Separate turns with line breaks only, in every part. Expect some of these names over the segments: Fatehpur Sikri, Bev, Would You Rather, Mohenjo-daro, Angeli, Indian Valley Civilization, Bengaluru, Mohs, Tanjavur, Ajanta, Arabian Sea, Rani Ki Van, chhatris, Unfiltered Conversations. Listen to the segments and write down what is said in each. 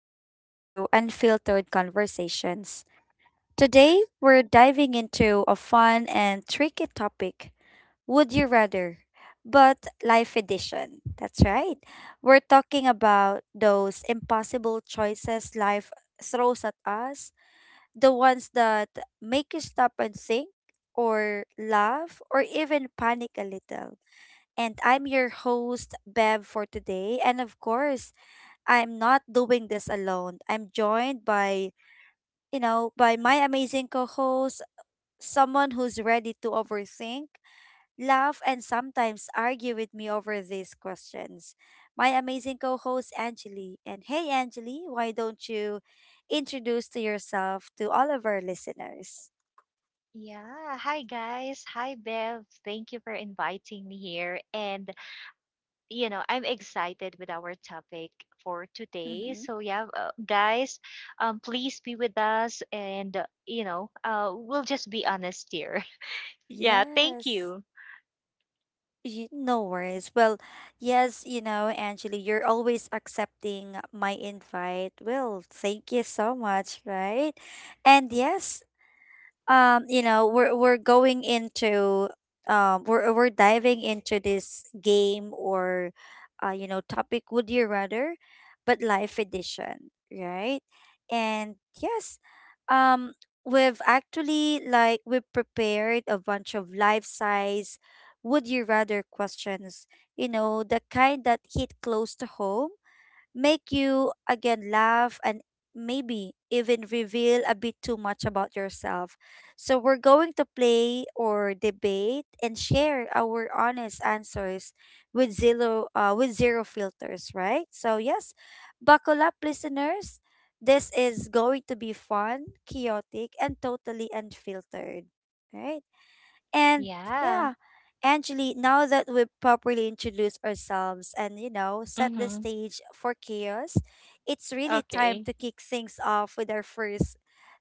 back to Unfiltered Conversations. Today, we're diving into a fun and tricky topic. Would You Rather? But Life Edition. That's right. We're talking about those impossible choices life throws at us, the ones that make you stop and think, or laugh, or even panic a little. And I'm your host, Bev, for today. And of course, I'm not doing this alone. I'm joined by, by my amazing co host, someone who's ready to overthink, laugh, and sometimes argue with me over these questions. My amazing co host, Angeli. And hey, Angeli, why don't you introduce to yourself to all of our listeners?
Yeah. Hi, guys. Hi, Bev. Thank you for inviting me here. I'm excited with our topic for today.
Mm-hmm.
So, yeah, guys, please be with us. And, we'll just be honest here. Yeah. Thank
Yes.
you.
You, no worries. Well, yes, you know, Angeli, you're always accepting my invite. Well, thank you so much, right? And yes, you know we're going into we're diving into this game or you know topic, would you rather, but life edition, right? And yes, um we've actually like we prepared a bunch of life size would you rather questions, you know, the kind that hit close to home, make you again laugh and maybe even reveal a bit too much about yourself. So we're going to play or debate and share our honest answers with zero filters, right? So yes, buckle up listeners. This is going to be fun, chaotic and totally unfiltered. Right? And
Yeah.
yeah, Angeli, now that we've properly introduced ourselves and, you know, set the
Mm-hmm.
stage for chaos, it's really time
Okay.
to kick things off with our first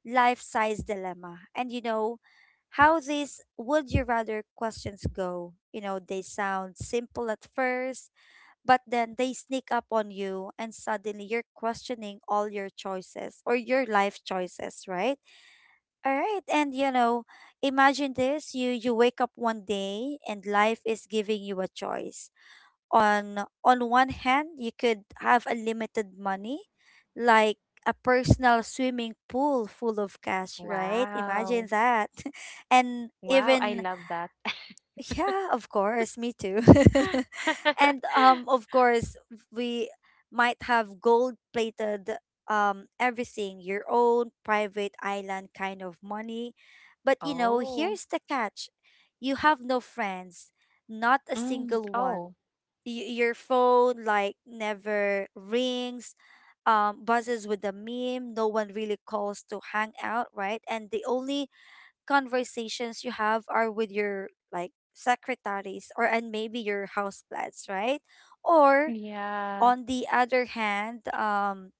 life size dilemma. And, you know, how these would you rather questions go. You know, they sound simple at first, but then they sneak up on you, and suddenly you're questioning all your choices or your life choices, right? All right, and you know, imagine this: you wake up one day and life is giving you a choice. On one hand, you could have unlimited money, like a personal swimming pool full of cash, right? Imagine
Wow.
that, and
Wow. I
even
love that.
yeah, of course, me too. And of course we might have gold plated everything, your own private island kind of money. But you know,
Oh.
here's the catch. You have no friends, not a
Mm.
single one.
Oh.
Your phone like never rings. Buzzes with a meme. No one really calls to hang out, right? And the only conversations you have are with your like secretaries or and maybe your houseplants, right? Or
Yeah.
on the other hand,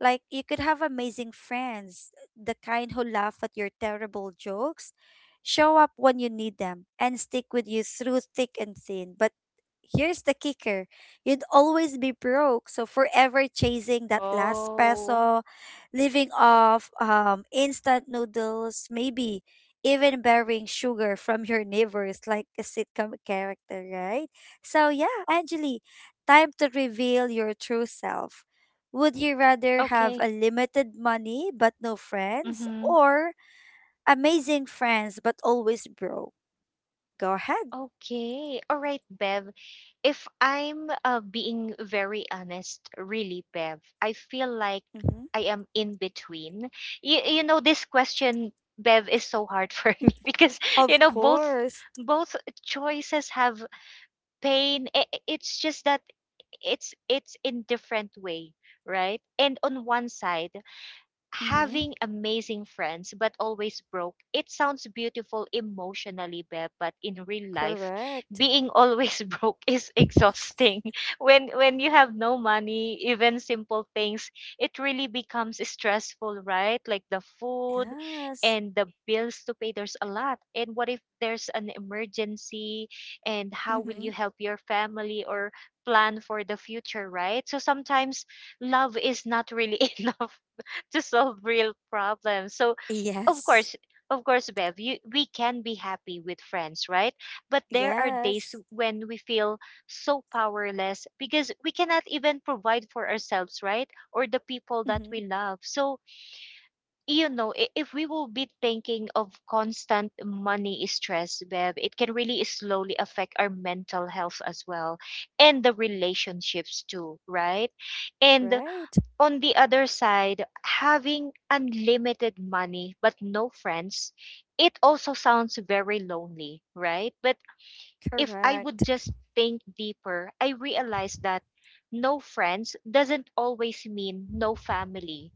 like you could have amazing friends, the kind who laugh at your terrible jokes, show up when you need them, and stick with you through thick and thin. But here's the kicker, you'd always be broke, so forever chasing that last
Oh.
peso, living off instant noodles, maybe even borrowing sugar from your neighbors like a sitcom character, right? So, yeah, Angeli, time to reveal your true self. Would you rather have
Okay.
a limited money but no friends,
Mm-hmm.
or amazing friends but always broke? Go ahead.
Okay. All right, Bev. If I'm being very honest, really, Bev, I feel like I
Hmm.
am in between. You know, this question, Bev, is so hard for me because, you
Of
know, both
course.
both choices have pain. It's just that it's in different way, right? And on one side,
Hmm.
having amazing friends but always broke, it sounds beautiful emotionally, Beb, but in real life,
Correct.
being always broke is exhausting. When you have no money, even simple things, it really becomes stressful, right? Like the food
Yes.
and the bills to pay, there's a lot. And what if there's an emergency, and how will
Mm-hmm.
you help your family or plan for the future, right? So sometimes love is not really enough to solve real problems. So, of
Yes.
course, of course, Bev, we can be happy with friends, right? But there are days
Yes.
when we feel so powerless because we cannot even provide for ourselves, right? Or the people that
Mm-hmm.
we love. So, you know, if we will be thinking of constant money stress, Bev, it can really slowly affect our mental health as well, and the relationships too, right? And
Right.
on the other side, having unlimited money but no friends, it also sounds very lonely, right? But if I would
Correct.
just think deeper, I realize that no friends doesn't always mean no family,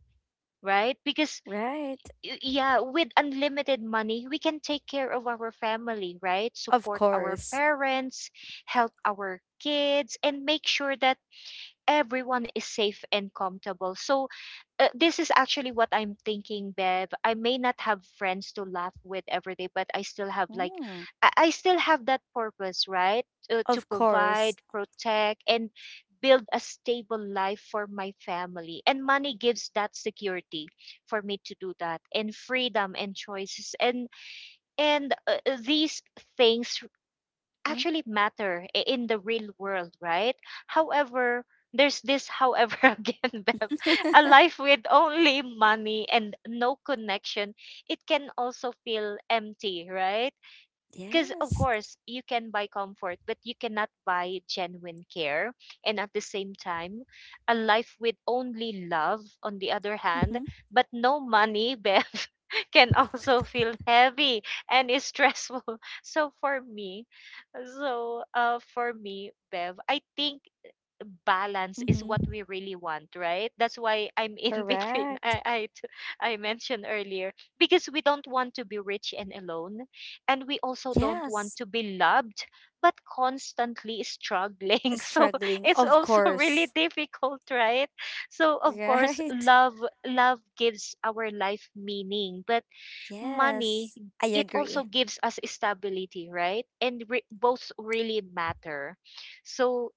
right? Because,
Right.
yeah, with unlimited money, we can take care of our family, right?
Of
Support our
course.
parents, help our kids, and make sure that everyone is safe and comfortable. So, this is actually what I'm thinking, Bev. I may not have friends to laugh with every day, but I still have, like,
Mm.
I still have that purpose, right? To
Of
provide,
course.
protect, and build a stable life for my family. And money gives that security for me to do that, and freedom and choices, and these things
Mm.
actually matter in the real world, right? However, there's this however, again, Bev, a life with only money and no connection, it can also feel empty, right? Because of
Yes.
course you can buy comfort, but you cannot buy genuine care. And at the same time, a life with only love on the other hand
Mm-hmm.
but no money, Bev, can also feel heavy and is stressful. so for me so uh for me, Bev, I think balance is what
Mm-hmm.
we really want, right? That's why I'm in between.
Correct.
I mentioned earlier, because we don't want to be rich and alone, and we also don't want
Yes,
to be loved but constantly struggling. So
struggling,
it's
of
also really
course.
difficult, right? So of course,
Right?
love gives our life meaning, but money,
Yes, I
it also
agree.
gives us stability, right? And both really matter. So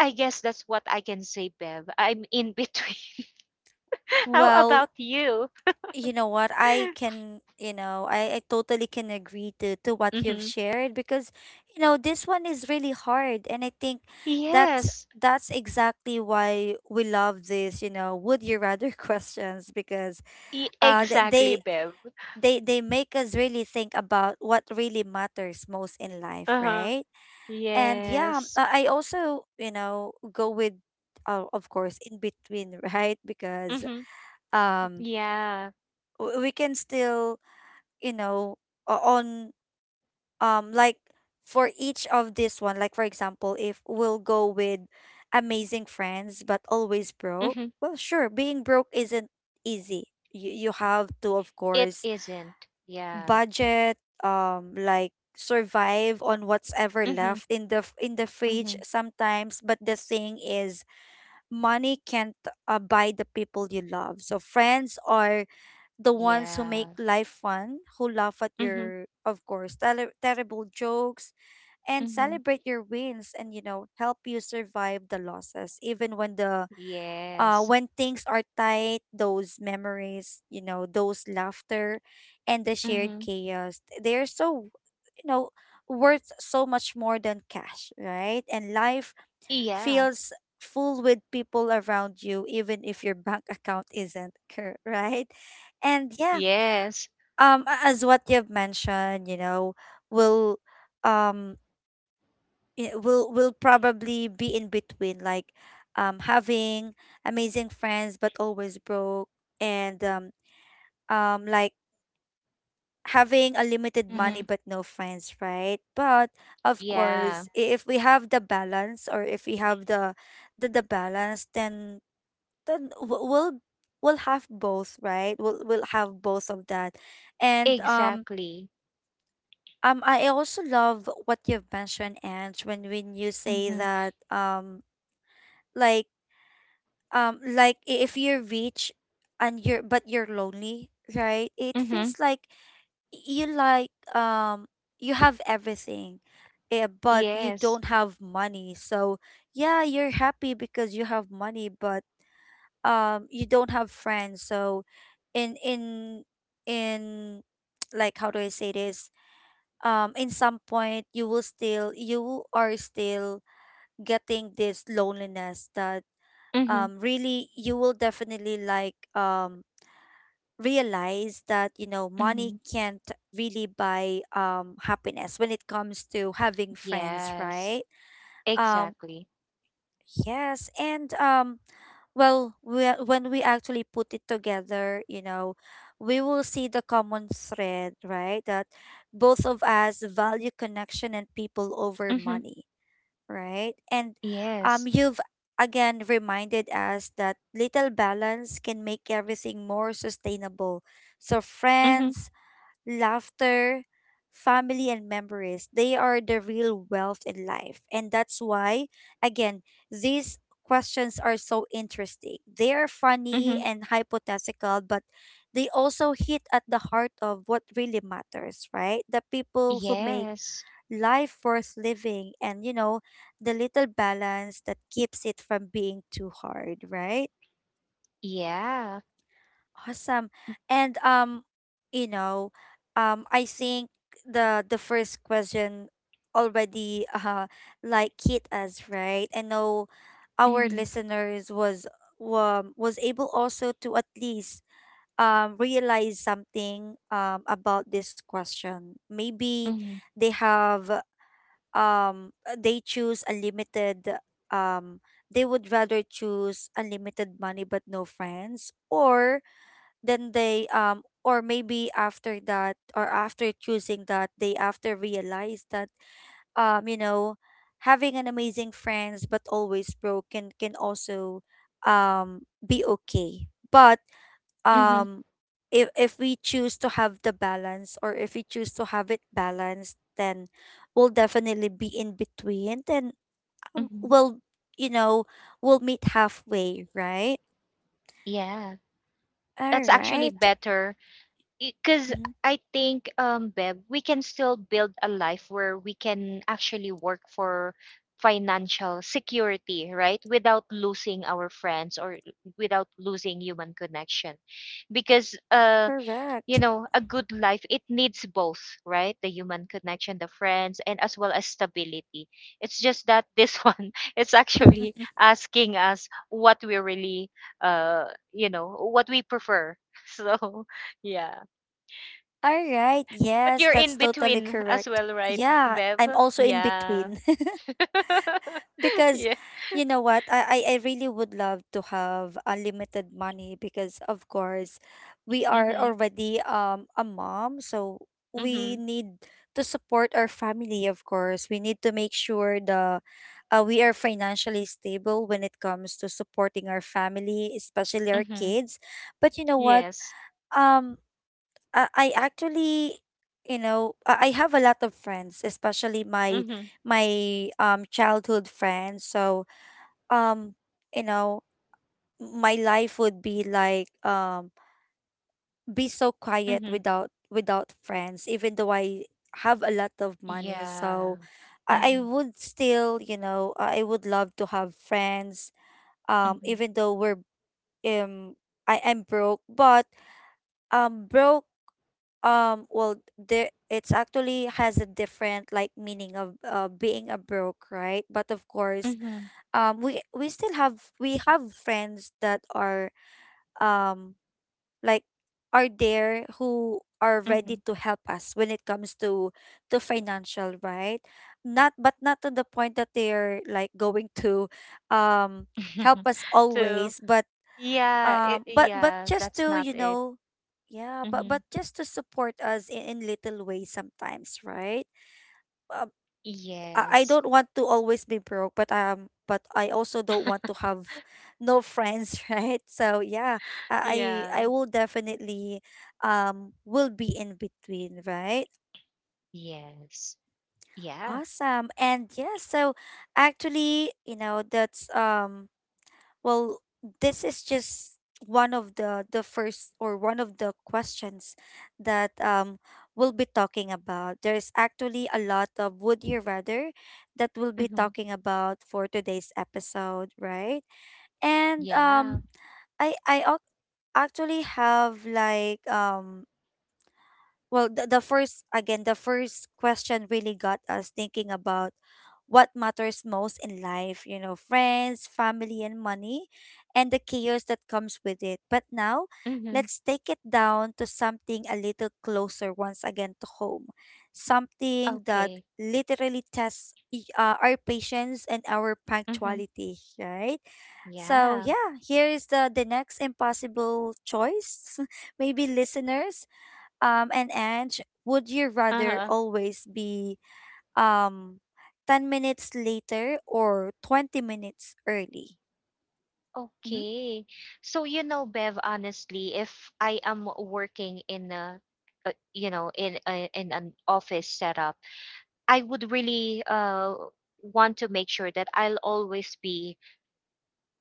I guess that's what I can say, Bev. I'm in between. How
Well,
about you?
you know what? I can, you know, I totally can agree to what you've
Mm-hmm.
shared because, you know, this one is really hard. And I think that's
Yes,
that's exactly why we love this, you know, would you rather questions because uh th-
exactly,
they
Bev.
they make us really think about what really matters most in life,
Uh-huh.
right? And yeah,
Yes.
I also you know go with of course in between right because
Mm-hmm.
um
Yeah.
we can still you know on like for each of this one like for example if we'll go with amazing friends but always broke,
Mm-hmm.
well sure being broke isn't easy, you have to of
It
course
isn't. Yeah.
budget, like survive on what's ever
Mm-hmm.
left in the in the
Mm-hmm.
fridge sometimes. But the thing is, money can't buy the people you love. So friends are the ones who make
Yeah.
life fun, who laugh at
Mm-hmm.
your, of course, terrible jokes, and
Mm-hmm.
celebrate your wins, and you know help you survive the losses, even when the
Yes.
when things are tight, those memories, you know, those laughter and the shared
Mm-hmm.
chaos, they're so, you know, worth so much more than cash, right? And life
Yeah.
feels full with people around you, even if your bank account isn't, right? And yeah,
Yes.
as what you've mentioned, you know, will um it will probably be in between, like having amazing friends but always broke and like having a limited
Mm-hmm.
money but no friends, right? But of
Yeah.
course, if we have the balance or if we have the the balance, then we'll have both, right? We'll have both of that. And
Exactly.
I also love what you've mentioned, Ange, when you say
Mm-hmm.
that like like if you're rich and you're but you're lonely, right? It
Mm-hmm.
feels like you like um you have everything, eh, but you
Yes.
don't have money, so yeah you're happy because you have money but you don't have friends, so in in in like how do I say this, in some point you will still you are still getting this loneliness that
Mm-hmm.
really you will definitely like realize that you know money
Mm-hmm.
can't really buy happiness when it comes to having friends,
Yes.
right? um,
Exactly.
yes, and well we, when we actually put it together, you know we will see the common thread, right? That both of us value connection and people over
Mm-hmm.
money, right? And
Yes.
you've again reminded us that little balance can make everything more sustainable. So,
Mm-hmm.
friends, laughter, family, and memories, they are the real wealth in life. And that's why, again, these questions are so interesting. They are funny
Mm-hmm.
and hypothetical, but they also hit at the heart of what really matters, right? The people who make
Yes.
life worth living and, you know, the little balance that keeps it from being too hard, right?
Yeah.
Awesome. And you know, I think the first question already like hit us, right? I know our
Mm-hmm.
listeners was able also to at least realize something about this question. Maybe
Mm-hmm.
they have they choose unlimited um they would rather choose unlimited money but no friends, or then they or maybe after that or after choosing that they after realize that you know having an amazing friends but always broken can also be okay, but
Mm-hmm.
um if we choose to have the balance or if we choose to have it balanced, then we'll definitely be in between, then
Mm-hmm.
we'll you know we'll meet halfway, right?
Yeah,
All
that's actually
right.
better because
Mhm.
I think, Beb, we can still build a life where we can actually work for financial security, right? Without losing our friends or without losing human connection. Because, uh, you
Correct.
know, a good life, it needs both, right? The human connection, the friends, and as well as stability. It's just that this one is actually asking us what we really, uh, you know, what we prefer. So, yeah.
All right,
But
yes,
you're
that's
in
totally
between as
correct.
well, right,
Yeah,
Bev?
I'm also in
Yeah.
between because
Yeah.
you know what, I really would love to have unlimited money because of course we are
Mm-hmm.
already a mom, so we
Mm-hmm.
need to support our family, of course we need to make sure the we are financially stable when it comes to supporting our family especially our
Mm-hmm.
kids. But you know what,
Yes.
um I actually you know I have a lot of friends, especially my
Mm-hmm.
childhood friends, so um you know my life would be like be so quiet
Mm-hmm.
without without friends, even though I have a lot of money.
Yeah.
So I
Mm-hmm.
would still you know I would love to have friends,
Mm-hmm.
even though we're um I am broke, but broke, well there it's actually has a different like meaning of being a broke, right? But of course
Mm-hmm.
we still have we have friends that are um like are there who are
Mm-hmm.
ready to help us when it comes to financial, right? Not, but not to the point that they're like going to um help us
So
always,
yeah, it,
but
yeah,
just
that's
to
not
you
it.
know, yeah but
Mhm.
just to support us in little ways sometimes, right? Uh, I
Yes.
don't want to always be broke, but I also don't want to have no friends, right? So yeah, I
Yeah.
will definitely will be in between, right?
Yes. Yeah.
Awesome. And yeah, so actually, you know, that's well, this is just one of the first or one of the questions that we'll be talking about. There's actually a lot of would you rather that we'll be
Mm-hmm.
talking about for today's episode, right? And
Yeah.
um I actually have like well the first question really got us thinking about what matters most in life, you know, friends, family, and money, and the chaos that comes with it. But now
Mm-hmm.
let's take it down to something a little closer, once again, to home, something that
Okay.
literally tests our patience and our
Mm-hmm.
punctuality, right? So
Yeah.
yeah, here is the next impossible choice. Maybe listeners, and Ange, would you rather
Uh-huh.
always be um 10 minutes later or 20 minutes early? Mm-hmm.
Okay. So, you know, Bev, honestly, if I am working in a, in a, in an office setup, I would really want to make sure that I'll always be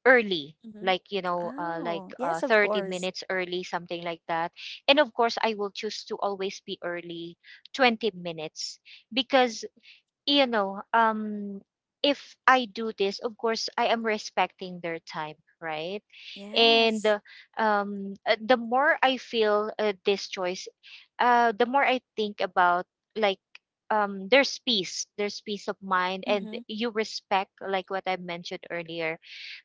early,
Mm-hmm.
like, you know,
Oh, yes, of
30
course.
minutes early, something like that. And of course I will choose to always be early, 20 minutes, because, you know, um, if I do this, of course, I am respecting their time, right? And
Yes.
the more I feel this choice, the more I think about, like, there's peace of mind, and
Mm-hmm.
you respect, like what I mentioned earlier,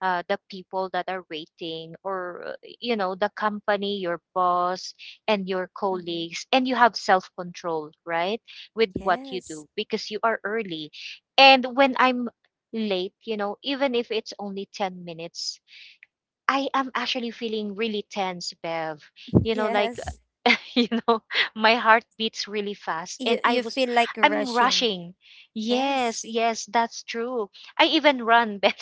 the people that are waiting, or you know, the company, your boss, and your
Mm-hmm.
colleagues, and you have self control, right, with what you do
Yes.
because you are early. And when I'm late, you know, even if it's only 10 minutes, I am actually feeling really tense, Bev. You know, like,
Yes.
you know, my heart beats really fast,
You
and
feel like
I'm
rushing.
rushing. Yes,
Yes.
yes, that's true. I even run, Bev.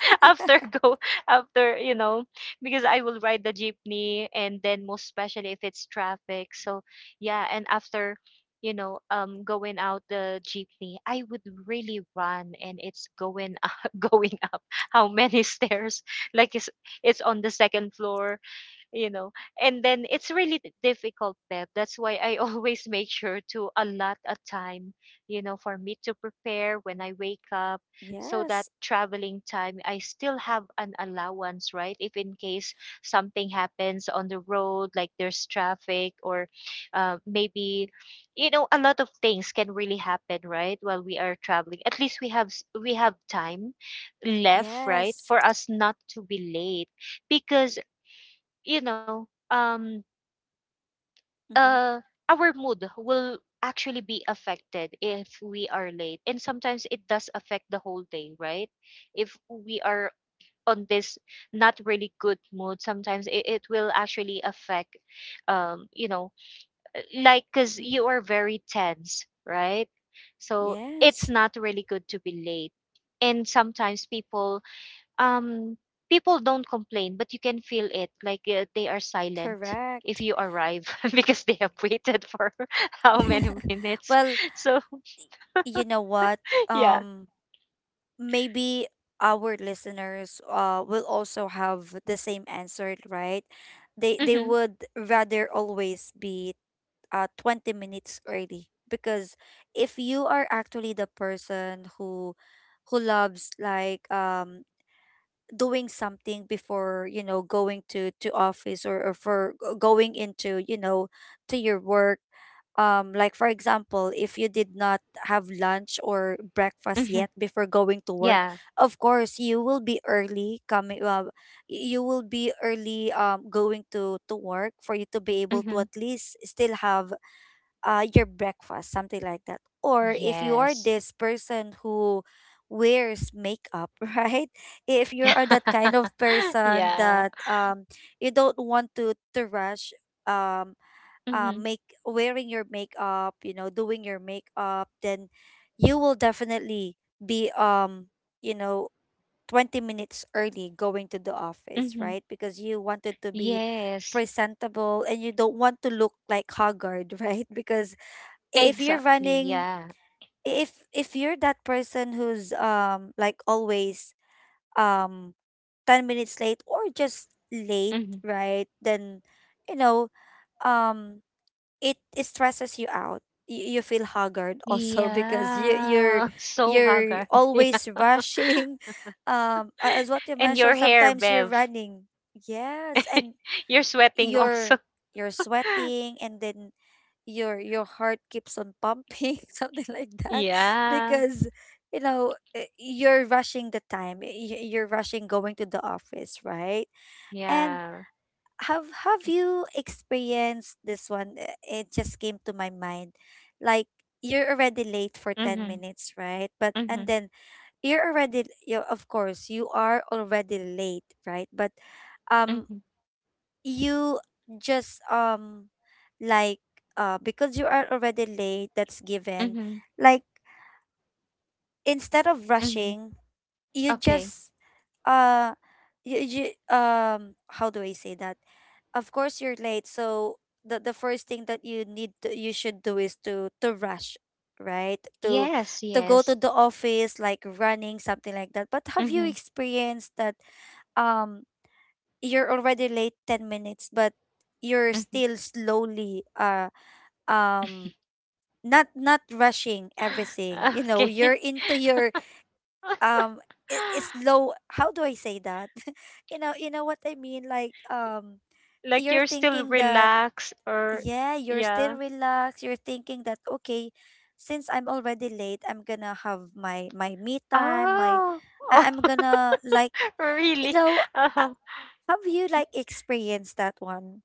after go after you know Because I will ride the jeepney, and then most especially if it's traffic. So yeah. And after, you know, um, going out the jeepney, I would really run, and it's going up, going up how many stairs? Like it's on the second floor, you know. And then it's really difficult, Deb. That's why I always make sure to allot a time, you know, for me to prepare when I wake up, so that
Yes.
traveling time, I still have an allowance, right, if in case something happens on the road, like there's traffic, or, maybe, you know, a lot of things can really happen, right, while we are traveling. At least we have we have time left, right,
Yes.
for us not to be late. Because, you know,
Mm-hmm.
uh, our mood will actually be affected if we are late. And sometimes it does affect the whole day, right? If we are on this not really good mood, sometimes it, it will actually affect, you know, like, because
Mm,
you are very tense, right? So it's
yes,
not really good to be late. And sometimes um people don't complain, but you can feel it, like, they are silent if
correct.
you arrive because they have waited for how many minutes.
Well,
So
you know what?
yeah.
Um, Maybe our listeners will also have the same answer, right? They
Hmm.
would rather always be 20 minutes early, because if you are actually the person who loves like doing something before, you know, going to office, or going into, you know, to your work, like for example, if you did not have lunch or breakfast
Hmm.
yet before going to work,
Yeah.
of course you will be early coming you will be early going to work, for you to be able to
Hmm.
at least still have your breakfast, something like that. Or if you are
Yes.
this person who wears makeup, right? If you are that kind of person
Yeah.
that you don't want to rush um,
Hmm.
make wearing your makeup, you know, doing your makeup, then you will definitely be you know, 20 minutes early going to the office,
Hmm.
right? Because you wanted to be
Yes,
presentable and you don't want to look like haggard, right? Because if you're
exactly.
running,
Yeah.
if you're that person who's like always um 10 minutes late or just late,
Hmm.
right? Then, you know, um it stresses you out. You feel haggard also, because you're
Yeah. So
you're
haggard. Yeah.
always rushing. As what you
And your
mentioned,
hair,
sometimes you're
Bev.
running. Yes, and
You're sweating
you're
also.
you're sweating, and then your heart keeps on pumping, something like that,
Yeah.
because, you know, you're rushing you're rushing going to the office, right? And
Yeah.
have you experienced this one? It just came to my mind, like, you're already late for 10
Hmm.
minutes, right? but and
Mm-hmm.
then you're already, you, of course you are already late, right? But um
Mm-hmm.
you just like, because you are already late, that's given.
Mm-hmm.
Like, instead of
Mm-hmm.
rushing, you
Okay.
just uh you, you how do I say that? Of course you're late, so the first thing that you need to, you should do is to rush, right? to
Yes,
to go to
yes.
the office like running, something like that. But have you
Mm-hmm.
experienced that, um you're already late 10 minutes, but you're
Mm-hmm.
still slowly, um not not rushing everything? You know,
Okay.
you're into your um slow, how do I say that? You know, you know what I mean, like,
Like
you're
you're still
thinking that,
relaxed, or
yeah, you're still
yeah.
relaxed. You're thinking that, okay, since I'm already late, I'm gonna have my me time, my,
Oh.
I- I'm gonna like,
Oh,
you
really?
know, uh,
Uh-huh.
have you like experienced that one,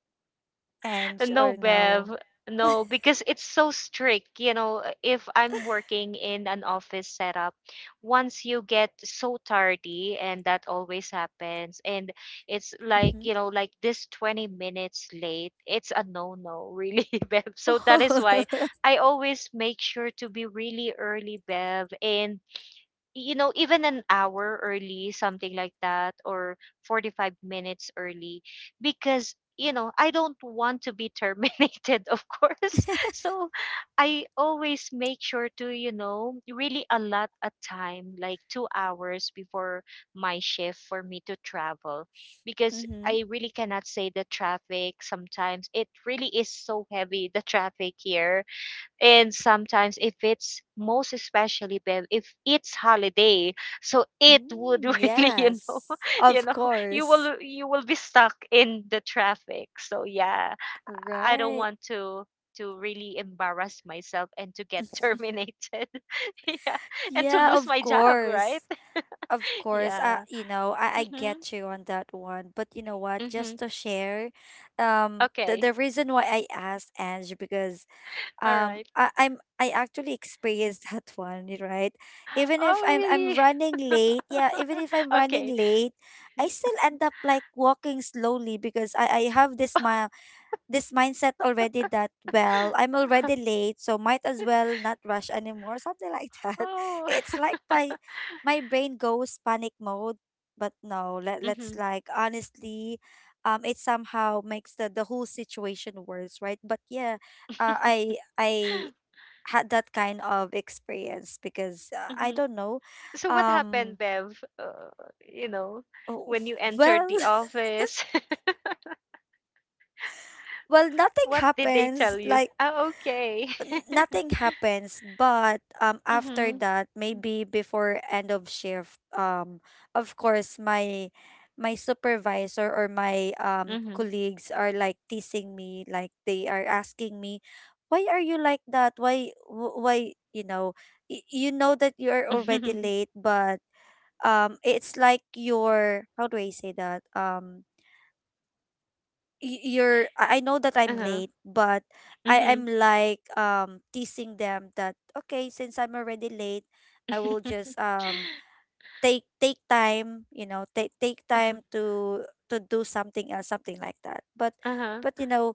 Ange,
No,
or no?
Bev. No, because it's so strict. You know, if I'm working in an office setup, once you get so tardy, and that always happens, and it's like,
Mm-hmm.
you know, like this 20 minutes late, it's a no-no, really, Bev. So that is why I always make sure to be really early, Bev. And you know, even an hour early, something like that, or 45 minutes early, because, you know, I don't want to be terminated, of course. So I always make sure to, you know, really allot a time, like 2 hours before my shift for me to travel, because
Mm-hmm.
I really cannot say the traffic sometimes. It really is so heavy, the traffic here. And sometimes if it's, most especially Bev, if it's holiday, so it would
Mm,
really, you know,
yes,
you
of
know,
course.
you will be stuck in the traffic. So yeah, I don't
Right.
want to, really embarrass myself and to get terminated, yeah, and to
Yeah,
lose
of
my job, right?
course. Of course.
Yeah.
You know, I
Mhm.
get you on that one. But you know what?
Mhm.
Just to share,
Okay.
the reason why I asked Ange, because
All right.
I actually experienced that one, right? Even if
Oh,
I'm
really?
running late, yeah, even if I'm running
Okay.
late, I still end up like walking slowly, because I have this, my, this mindset already, that, well, I'm already late, so might as well not rush anymore, something like that.
Oh.
It's like my brain goes panic mode. But no, let's
Mhm.
like honestly, it somehow makes the whole situation worse, right? But yeah, I had that kind of experience, because, I
Mhm.
don't know.
So what happened,
um
Bev? You know,
oh,
when you entered
well,
the office,
well, nothing
what did they
happens,
tell you?
like,
Oh, okay.
nothing happens. But after
Mhm.
that, maybe before end of shift, of course my supervisor or my
Mhm.
colleagues are like teasing me, like they are asking me, why are you like that? Why, you know, you know that you are already late, but it's like your, how do I say that, you're, I know that I'm
Uh-huh.
late, but I
Mhm.
am like teasing them that, okay, since I'm already late, I will just take time, you know, take
Uh-huh.
time to do something else, something like that.
Uh.
But you know,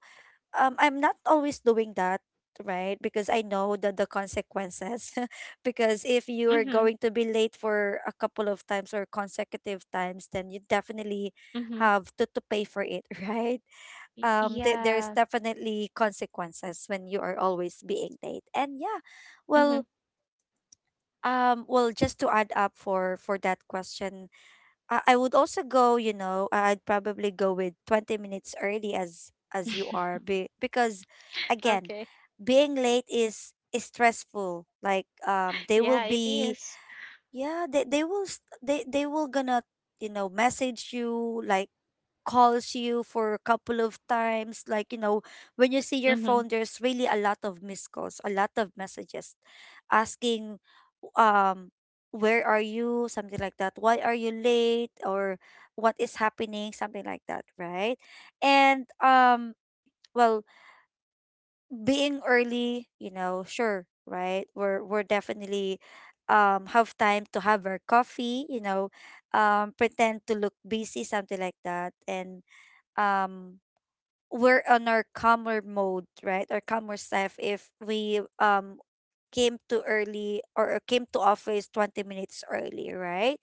I'm not always doing that, right? Because I know that the consequences, because if you are
Mhm.
going to be late for a couple of times or consecutive times, then you definitely
Mhm.
have to pay for it, right?
Y-
There's
Yeah.
definitely consequences when you are always being late. And yeah, well,
Mhm.
well, just to add up for that question, I would also go, you know, I'd probably go with 20 minutes early, as you are, because, again,
Okay.
being late is stressful. Like, they will
Yeah, it
be,
is.
yeah, they will, they will gonna, you know, message you, like calls you for a couple of times. Like, you know, when you see your
Mhm.
phone, there's really a lot of missed calls, a lot of messages asking, um where are you, something like that, why are you late, or what is happening, something like that, right? And well, being early, you know, sure, right, we're definitely have time to have our coffee, you know, pretend to look busy, something like that. And um we're on our calmer mode, right? Our calmer self, if we came to early or came to office 20 minutes early, right?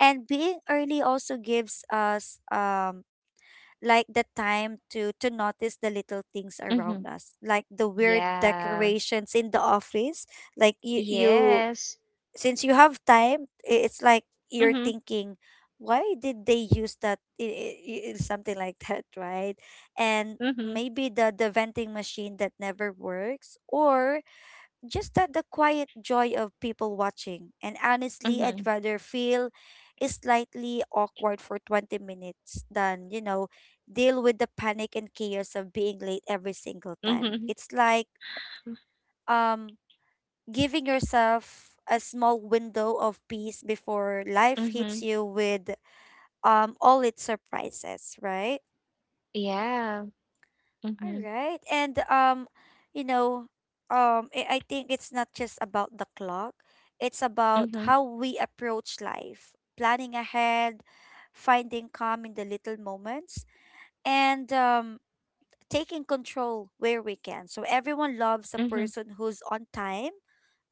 And being early also gives us like the time to notice the little things around
Mhm.
us, like the weird
Yeah.
decorations in the office. Like, you,
Yes.
since you have time, it's like you're
Mhm.
thinking, why did they use that? Something like that, right? And
Mhm.
maybe the venting machine that never works, or just that the quiet joy of people watching. And honestly, I'd
Mhm.
rather feel slightly awkward for 20 minutes than, you know, deal with the panic and chaos of being late every single time.
Mhm.
It's like, um, giving yourself a small window of peace before life hits
Mhm.
you with all its surprises, right?
Yeah.
All
Mhm.
right. And you know, I think it's not just about the clock. It's about
Mhm.
how we approach life, planning ahead, finding calm in the little moments, and taking control where we can. So, everyone loves a
Mhm.
person who's on time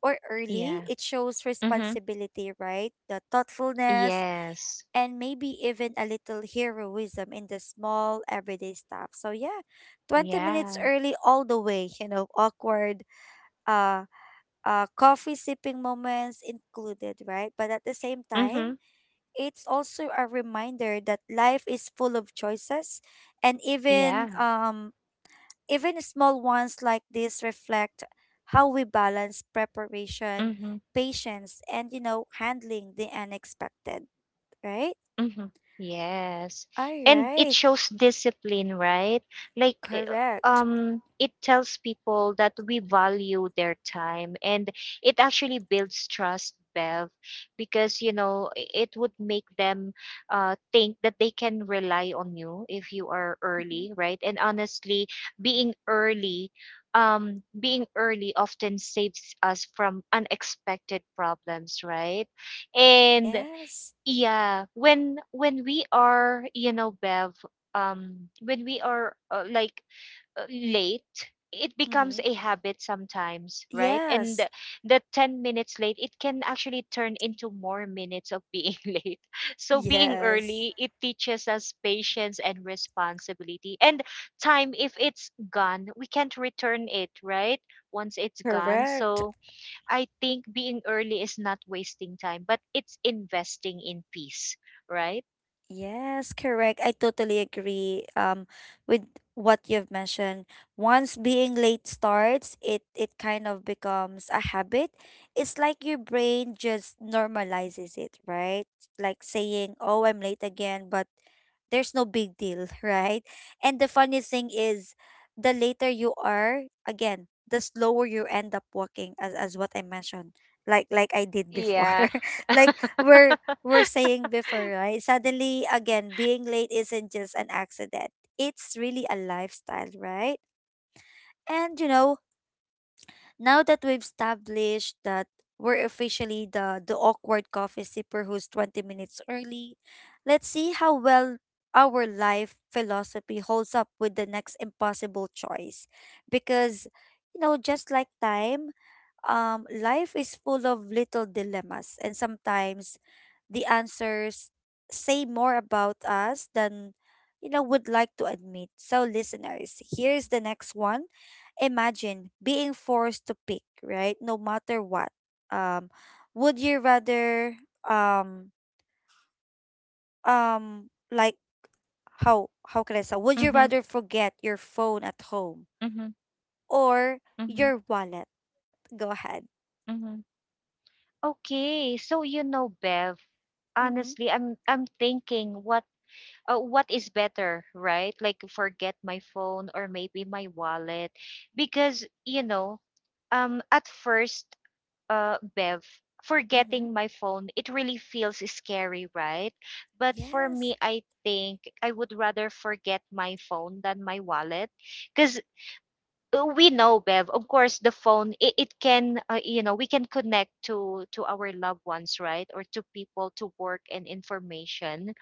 or early.
Yeah.
It shows
Mhm.
responsibility, right? The thoughtfulness,
Yes.
and maybe even a little heroism in the small everyday stuff. So yeah, 20 minutes
Yeah.
early all the way, you know, awkward uh coffee sipping moments included, right? But at the same time,
Mhm.
it's also a reminder that life is full of choices, and even
Yeah.
even small ones like this reflect how we balance preparation,
Mhm.
patience, and, you know, handling the unexpected, right?
Hmm. Yes.
All
And it
right,
shows discipline, right? Like, eh,
correct.
um, it tells people that we value their time, and it actually builds trust, Bev, because, you know, it would make them think that they can rely on you if you are
Mhm.
early, right? And honestly, being early being early often saves us from unexpected problems, right? And
Yes.
yeah when we are bev, um when we are late, it becomes
Mm-hmm.
a habit sometimes, right? And
Yes.
the 10 minutes late, it can actually turn into more minutes of being late. So being
Yes.
early, it teaches us patience and responsibility. And time, if it's gone, we can't return it, right? Once it's gone.
Correct.
So I think being early is not wasting time, but it's investing in peace, right?
Yes, correct. I totally agree with what you've mentioned. Once being late starts, it kind of becomes a habit. It's like your brain just normalizes it, right? Like saying, "Oh, I'm late again," but there's no big deal, right? And the funny thing is, the later you are, again, the slower you end up walking, as what I mentioned, like I did before.
Yeah.
Like we're, were saying before, right? Suddenly, again, being late isn't just an accident. It's really a lifestyle, right? And you know, now that we've established that we're officially the awkward coffee sipper who's 20 minutes early, let's see how well our life philosophy holds up with the next impossible choice. Because, you know, just like time, life is full of little dilemmas, and sometimes the answers say more about us than, you know, would like to admit. So, listeners, here's the next one. Imagine being forced to pick, right? No matter what. Um, would you rather um um like how can I say? Would you
Mm-hmm,
rather forget your phone at home
mm-hmm,
or
mm-hmm,
your wallet? Go ahead.
mm-hmm. Okay, so you know, Bev,
Mm-hmm.
honestly, I'm thinking what, what is better, right? Like forget my phone or maybe my wallet, because you know, at first, Bev,
Mm-hmm.
forgetting my phone, it really feels scary, right? But for
Yes.
me, I think I would rather forget my phone than my wallet, because we know, bev, of course the phone, it can, you know, we can connect to our loved ones, right? Or to people, to work and information.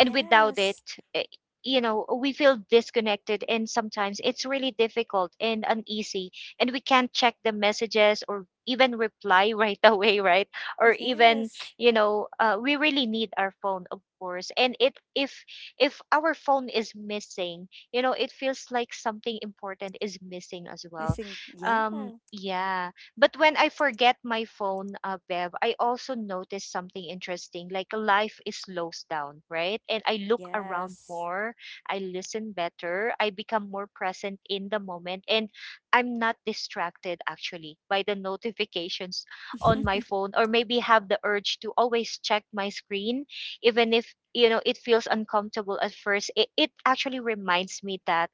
And without it,
Yes.
eh, you know, we feel disconnected, and sometimes it's really difficult and uneasy, and we can't check the messages or even reply right away, right? Or even,
Yes.
you know, we really need our phone, of course. And it if our phone is missing, you know, it feels like something important is missing as well.
Missing. Yeah.
Yeah. But when I forget my phone, Bev, I also notice something interesting. Like, life is slows down, right? And I look around
Yes.
more. I listen better. I become more present in the moment, and I'm not distracted actually by the notifications on my phone, or maybe have the urge to always check my screen. Even if, you know, it feels uncomfortable at first. It actually reminds me that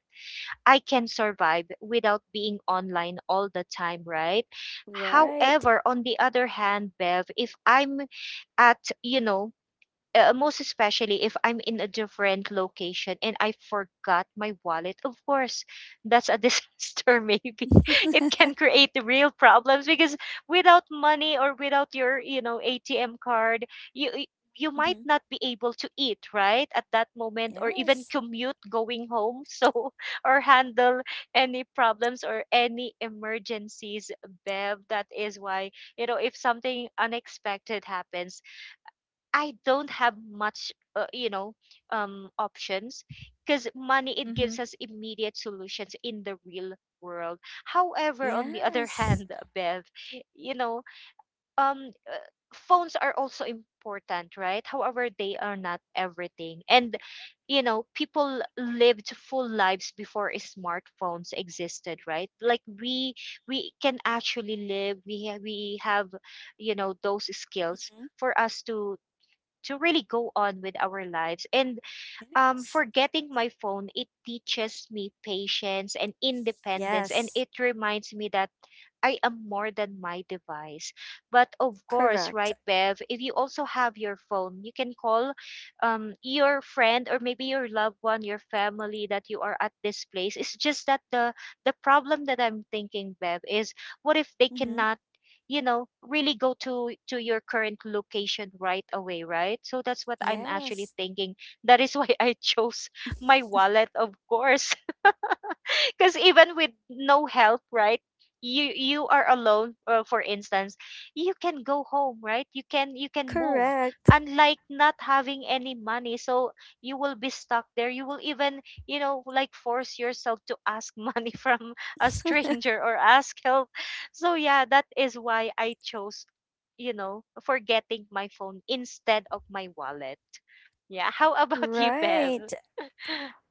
I can survive without being online all the time, right?
Right.
However, on the other hand, Bev, if I'm at, you know, most especially if I'm in a different location and I forgot my wallet, of course, that's a disaster. Maybe
Hmm.
it can create real problems, because without money or without your, you know, ATM card, you y- you might not be able to eat right at that moment, or even
Yes.
commute going home. So, or handle any problems or any emergencies, bev. That is why, you know, if something unexpected happens, I don't have much, you know, options, because money, it
Mm-hmm.
gives us immediate solutions in the real world. However, on the other
Yes.
hand, Bev, you know, um, uh, phones are also important, right? However, they are not everything. And you know, people lived full lives before smartphones existed, right? Like, we can actually live. We have, you know, those skills
Mm-hmm.
for us to really go on with our lives. And
Yes.
for getting my phone, it teaches me patience and independence. And
Yes.
it reminds me that I am more than my device. But of course,
Correct.
right, Bev, if you also have your phone, you can call, your friend or maybe your loved one, your family, that you are at this place. It's just that the problem that I'm thinking, Bev, is, what if they
Mm-hmm.
cannot, you know, really go to your current location right away, right? So that's what I'm actually
Yes.
thinking. That is why I chose my wallet, of course. Because even with no help, right? You are alone. For instance, you can go home, right? You can, you can move.
Correct.
Unlike not having any money, so you will be stuck there. You will even, you know, like, force yourself to ask money from a stranger, or ask help. So yeah, that is why I chose, you know, forgetting my phone instead of my wallet. Yeah. How about you, Bev?
Right.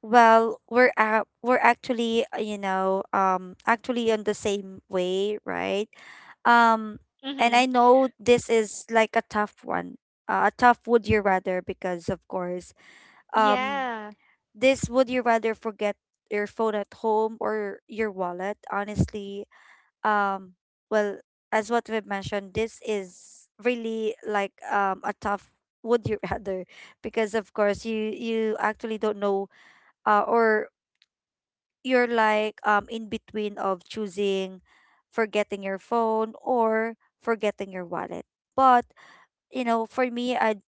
Well, we're actually, you know, actually on the same way, right? Um, and
Mm-hmm.
I know this is like a tough one, a tough would you rather, because, of course, um,
Yeah.
this, would you rather forget your phone at home or your wallet? Honestly, um, well, as what we've mentioned, this is really like a tough would you rather, because of course you actually don't know, or you're like in between of choosing forgetting your phone or forgetting your wallet. But you know, for me, I'd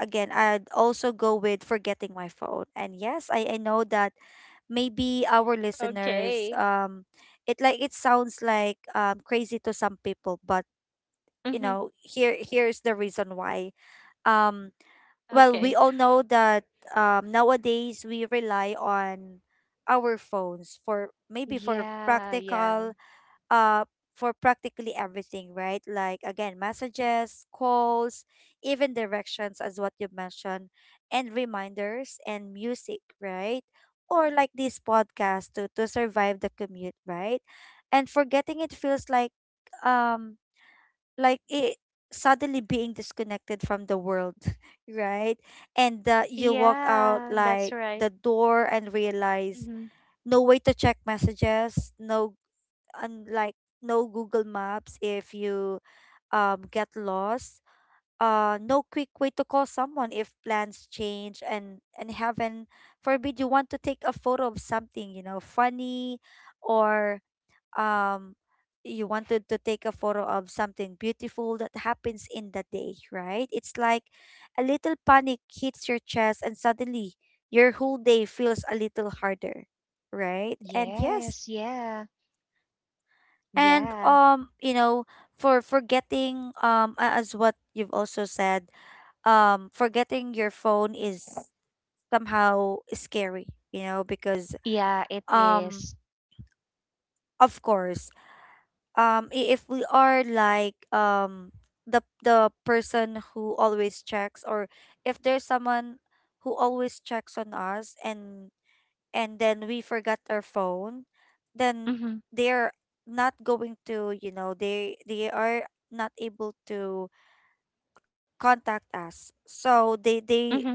again I'd also go with forgetting my phone. And yes, I know that maybe our listeners,
Okay.
it, like it sounds like crazy to some people, but you
Mm-hmm.
know, here's the reason why. Um, well, we
Okay.
all know that, nowadays, we rely on our phones for maybe
Yeah, yeah.
uh for practically everything, right? Like, again, messages, calls, even directions, as what you mentioned, and reminders and music, right? Or like this podcast to survive the commute, right? And forgetting it feels um like it, suddenly being disconnected from the world, right. And you walk out
Yeah, that's
like
right.
the door and realize
Mm-hmm.
no way to check messages, no, and like no Google Maps if you get lost, no quick way to call someone if plans change, and heaven forbid you want to take a photo of something funny, or um you wanted to take a photo of something beautiful that happens in the day, right? It's like a little panic hits your chest and suddenly your whole day feels a little harder, right? And yes,
Yes, yeah,
and
yeah.
um, you know, for forgetting, as what you've also said, forgetting your phone is somehow scary, because,
Yeah, it
um
is.
of course, if we are like, the person who always checks, or if there's someone who always checks on us, and then we forgot our phone, then
Mm-hmm.
they're not going to, they are not able to contact us, so they
Mm-hmm.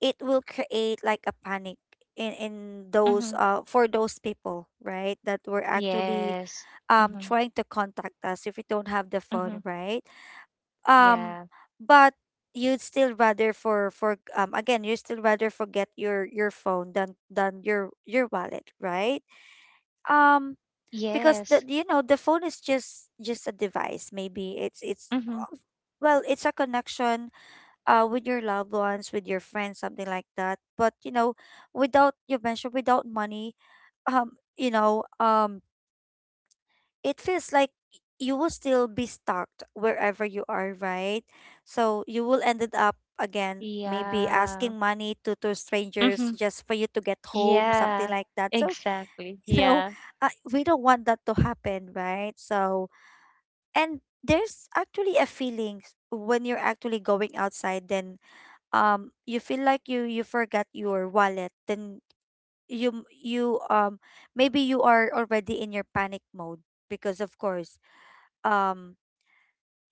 it will create like a panic in those
Mm-hmm.
for those people, right, that were actually
Yes. Mm-hmm.
trying to contact us if we don't have the
Mm-hmm.
phone, right? Um,
Yeah.
but you'd still rather, for again you still rather forget your phone than your wallet, right? Um, because the
Yes.
you know the phone is just a device. Maybe it's
Mm-hmm.
well, it's a connection with your loved ones, with your friends, something like that. But, without, you mentioned, without money, um you know um it feels like you will still be stuck wherever you are, right? So you will ended up again maybe
Yeah.
asking money to strangers
Mm-hmm.
just for you to get home, something
Yeah.
like that. So,
Exactly.
you know,
Yeah.
we don't want that to happen, right? So, and there's actually a feeling, when you're actually going outside, then you feel like you forgot your wallet, then you maybe you are already in your panic mode, because of course um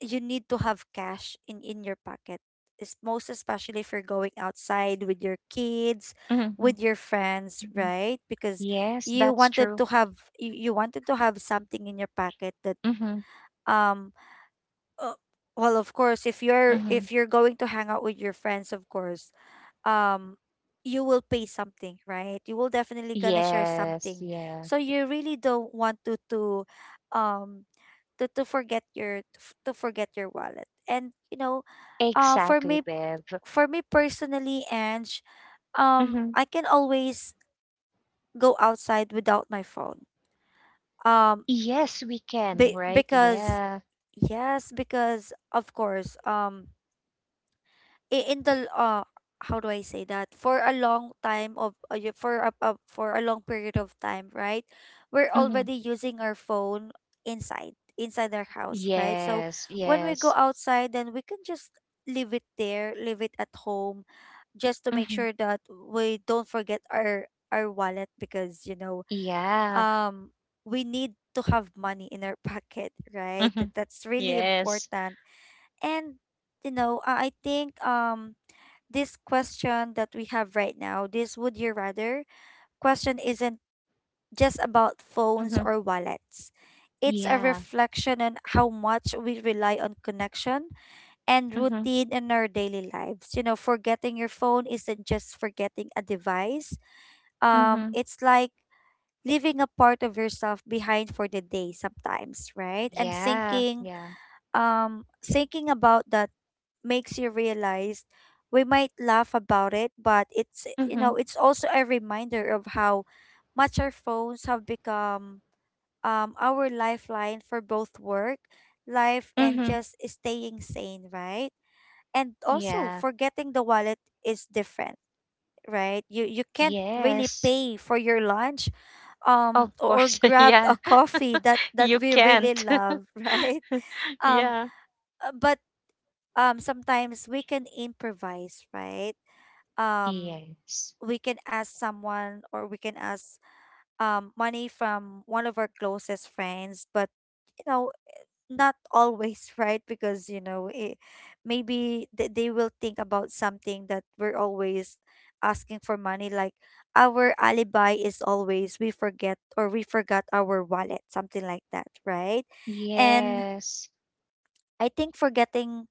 you need to have cash in your pocket. It's most especially if you're going outside with your kids,
Mm-hmm.
with your friends,
Mm-hmm.
right? Because
Yes,
you
that's
wanted
true.
to have, you wanted to have something in your pocket that,
Mm-hmm.
um uh, well, of course, if you're,
Mm-hmm.
if you're going to hang out with your friends, of course um you will pay something, right? You will definitely gonna share
Yes,
something.
yeah.
So you really don't want um to forget your to f- to forget your wallet. And, uh for
Exactly,
me
Bev.
for me personally, Ange, um
Mm-hmm.
i can always go outside without my phone, um
Yes, we can, right?
because
Yeah.
yes because of course, I- in the how do I say that, for a long time of y- for a for a long period of time, right? We're
Hmm.
already using our phone inside our house, right? So
Yes,
when we go
yes.
outside, then we can just leave it there, leave it at home, just to make
Hmm.
sure that we don't forget our wallet, because
Yeah.
um we need to have money in our pocket, right?
Hmm.
That's really
Yes.
important. And I think, this question that we have right now, this would you rather question isn't just about phones
Hmm.
or wallets. It's a
Yeah.
reflection on how much we rely on connection and
Hmm.
routine in our daily lives. Forgetting your phone isn't just forgetting a device.
Hmm.
It's like leaving a part of yourself behind for the day sometimes, right? And
Yeah.
thinking
Yeah.
um thinking about that makes you realize, we might laugh about it, but it's you
Hmm.
know, it's also a reminder of how much our phones have become our lifeline for both work, life and
Hmm.
just staying sane, right? And also,
Yeah.
forgetting the wallet is different, right? You can't really
Yes.
pay for your lunch,
Of
or or
course.
grab a
Yeah.
coffee that
You
we really
can't.
love, right? Um
Yeah.
but sometimes we can improvise, right? um
Yes.
we can ask someone, or we can ask money from one of our closest friends, but, you know not always, right, because you know it, maybe they will think about something, that we're always asking for money, like our alibi is always we forget, or we forgot our wallet, something like that, right. And
Yes.
I think forgetting,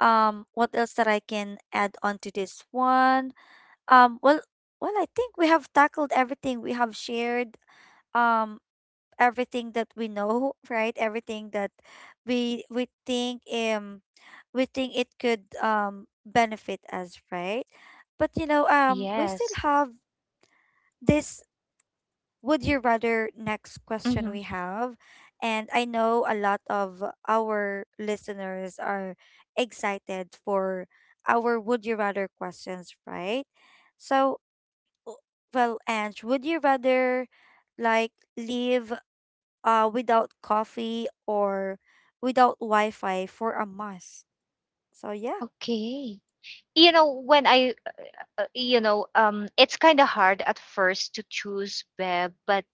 what else that I can add on to this one. Um, well, well, I think we have tackled everything. We have shared um everything that we know, right? Everything that we we think um we think it could benefit us, right? But, we still
Yes.
have this would you rather next question
Hmm.
we have, and I know a lot of our listeners are excited for our would you rather questions, right? So, w- well, Ange, would you rather like live without coffee, or without Wi-Fi for a month? So yeah.
Okay. You know, when I, you know, it's kind of hard at first to choose web, but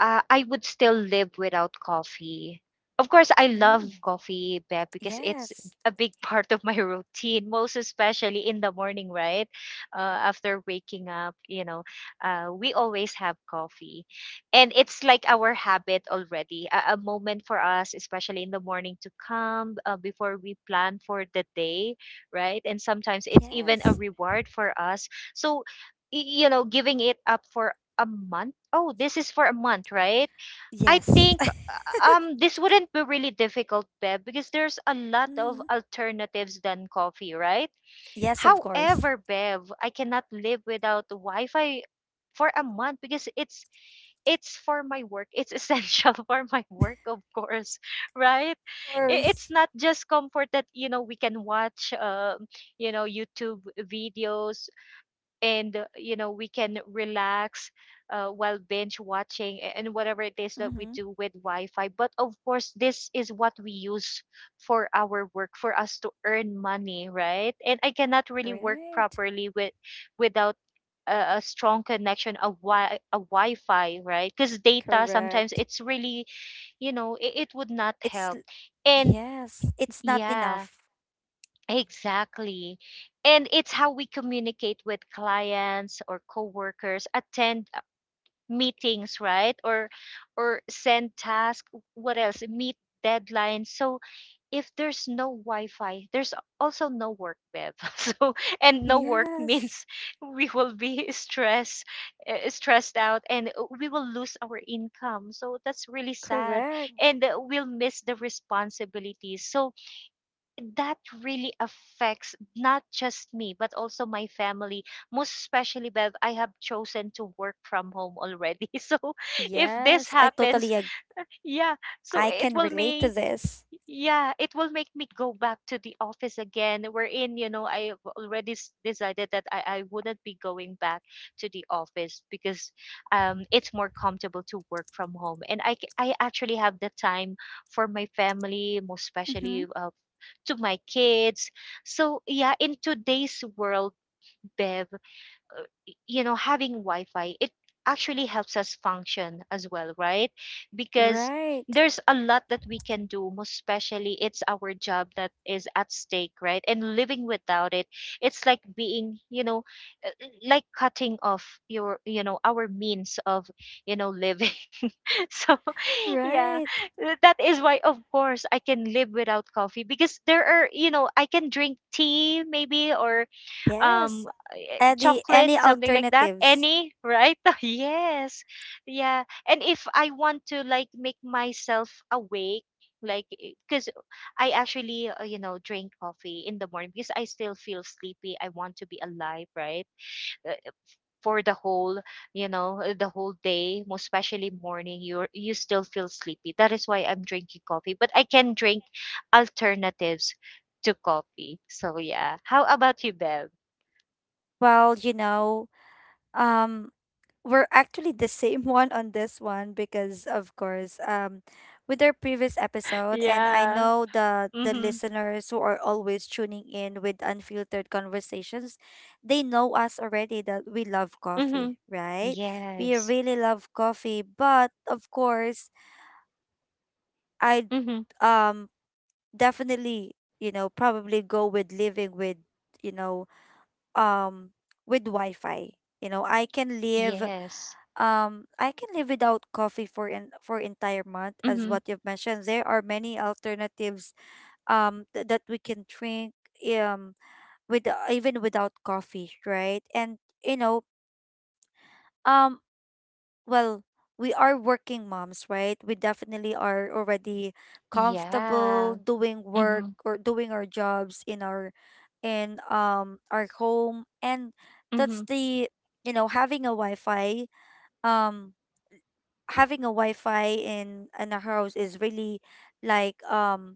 I would still live without coffee. Of course, I love
Mm,
coffee, Beb, because it's
yes.
a big part of my routine, most especially in the morning, right? After waking up, you know, we always have coffee. And it's like our habit already, a moment for us, especially in the morning, to come, before we plan for the day, right? And sometimes it's even a
Yes.
reward for us. So, you know, giving it up for a month. Oh, this is for a month, right? I
Yes.
think, this wouldn't be really difficult, Bev, because there's a lot of
Mm,
alternatives than coffee, right?
yes, of course. Of
However, Bev, I cannot live without Wi-Fi for a month, because it's for my work. It's essential for my work, of course, right?
course.
It's not just comfort, that you know, we can watch, you know, YouTube videos. And you know, we can relax, while binge watching, and whatever it is that we
Mm-hmm.
do with wi-fi. But of course, this is what we use for our work, for us to earn money, right? And I cannot really work
Right.
properly with, without a strong connection, a wi-fi, right? Because data, sometimes
Correct.
it's really, you know, it would not
It's
help.
l-
And
yes, it's not
yeah.
enough.
Exactly. And it's how we communicate with clients or coworkers, attend, meetings, right? Or send tasks, what else? Meet deadlines. So if there's no Wi-Fi, there's also no work, Bev. So, and no work
Yes.
means we will be stressed, stressed out, and we will lose our income. So that's really sad.
Correct.
And we'll miss the responsibilities. So that really affects not just me, but also my family, most especially bev, I have chosen to work from home already. So if this
Yes,
happens, yeah, so
I
it
can
will
relate to
may,
this.
yeah, it will make me go back to the office again. Wherein, you know, I've already decided that I wouldn't be going back to the office, because it's more comfortable to work from home. And I, I actually have the time for my family, most
Mm-hmm.
especially, to my kids. So, yeah, in today's world, Bev, you know, having Wi-Fi, it actually helps us function as well, right? Because
Right.
there's a lot that we can do, most especially it's our job that is at stake, right? And living without it, it's like being, you know, uh, like cutting off your, you know, our means of, you know, living. So yeah,
Right.
that is why, of course, I can live without coffee, because there are, you know, I can drink tea, maybe, or
Yes.
um
Any
chocolate,
any
something like that,
alternatives?
any, right? Yes, yeah. And if I want to like make myself awake, like, because I actually, you know, drink coffee in the morning because I still feel sleepy, I want to be alive, right? Uh, for the whole, you know, the whole day, most especially morning, you're, you still feel sleepy, that is why I'm drinking coffee, but I can drink alternatives to coffee. So yeah, how about you, bev?
Well, um, we're actually the same one on this one, because of course, with our previous episode, and I
Yeah.
know the
Mhm.
listeners who are always tuning in with Unfiltered Conversations, they know us already that we love coffee,
Mhm.
right? We
Yes.
really love coffee, but of course, I
Mhm.
um definitely, probably go with living with, you know, um with Wi-Fi. I can live
Yes.
um I can live without coffee for an, for entire month, as
Mhm.
what you've mentioned. There are many alternatives, that we can drink, um with, even without coffee, right? And, you know, um well, we are working moms, right? We definitely are already comfortable
Yeah.
doing work
Mhm.
or doing our jobs in our, in our home, and that's
Mhm.
the, having a Wi-Fi, um having a Wi-Fi in a house is really like,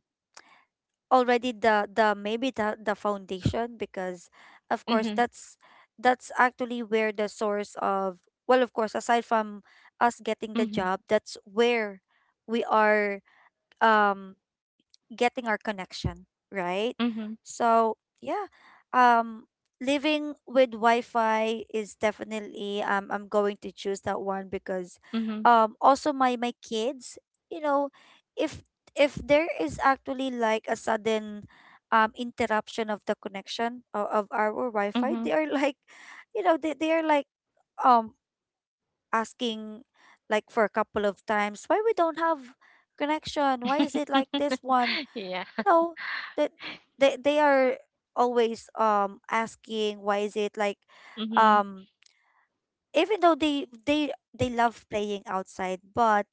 already the maybe the foundation, because of course
Mhm.
that's, actually where the source of, well, of course, aside from us getting the
Mhm.
job, that's where we are um getting our connection, right?
Mhm.
So yeah, um, living with Wi-Fi is definitely, I'm going to choose that one, because,
Mhm.
also my kids, you know, if if there is actually like a sudden interruption of the connection of our Wi-Fi,
Mhm.
they are like, they are like um asking, like for a couple of times, why we don't have connection, why is it like this one.
Yeah.
No, that, they are always asking why is it like,
Mhm.
um even though they love playing outside, but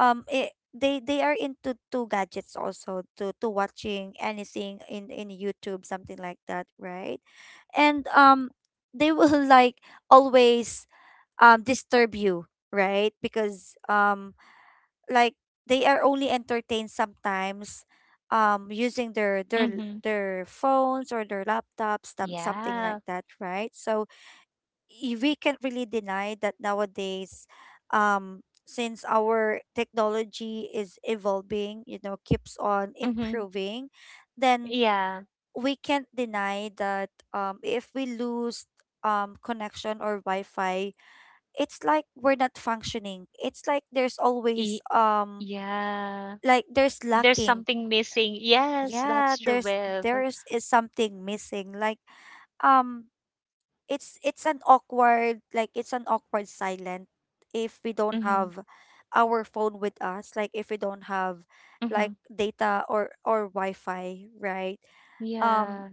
it, they are into to gadgets, also to watching anything in YouTube, something like that, right. And they will like always disturb you, right, because like, they are only entertained sometimes using their their
Mhm.
their phones or their laptops, something
Yeah.
like that, right. So, we can't really deny that nowadays, since our technology is evolving, keeps on
Mhm.
improving, then
Yeah.
we can't deny that, if we lose connection or Wi-Fi, it's like we're not functioning, it's like there's always,
E- yeah.
like, there's
There's
lacking.
something missing. Yes,
Yeah,
that's true,
there's
Viv.
there is, is something missing, like, um it's an awkward silent if we don't
Mhm.
have our phone with us, like if we don't have like
Mhm.
data or Wi-Fi, right. um
Yeah.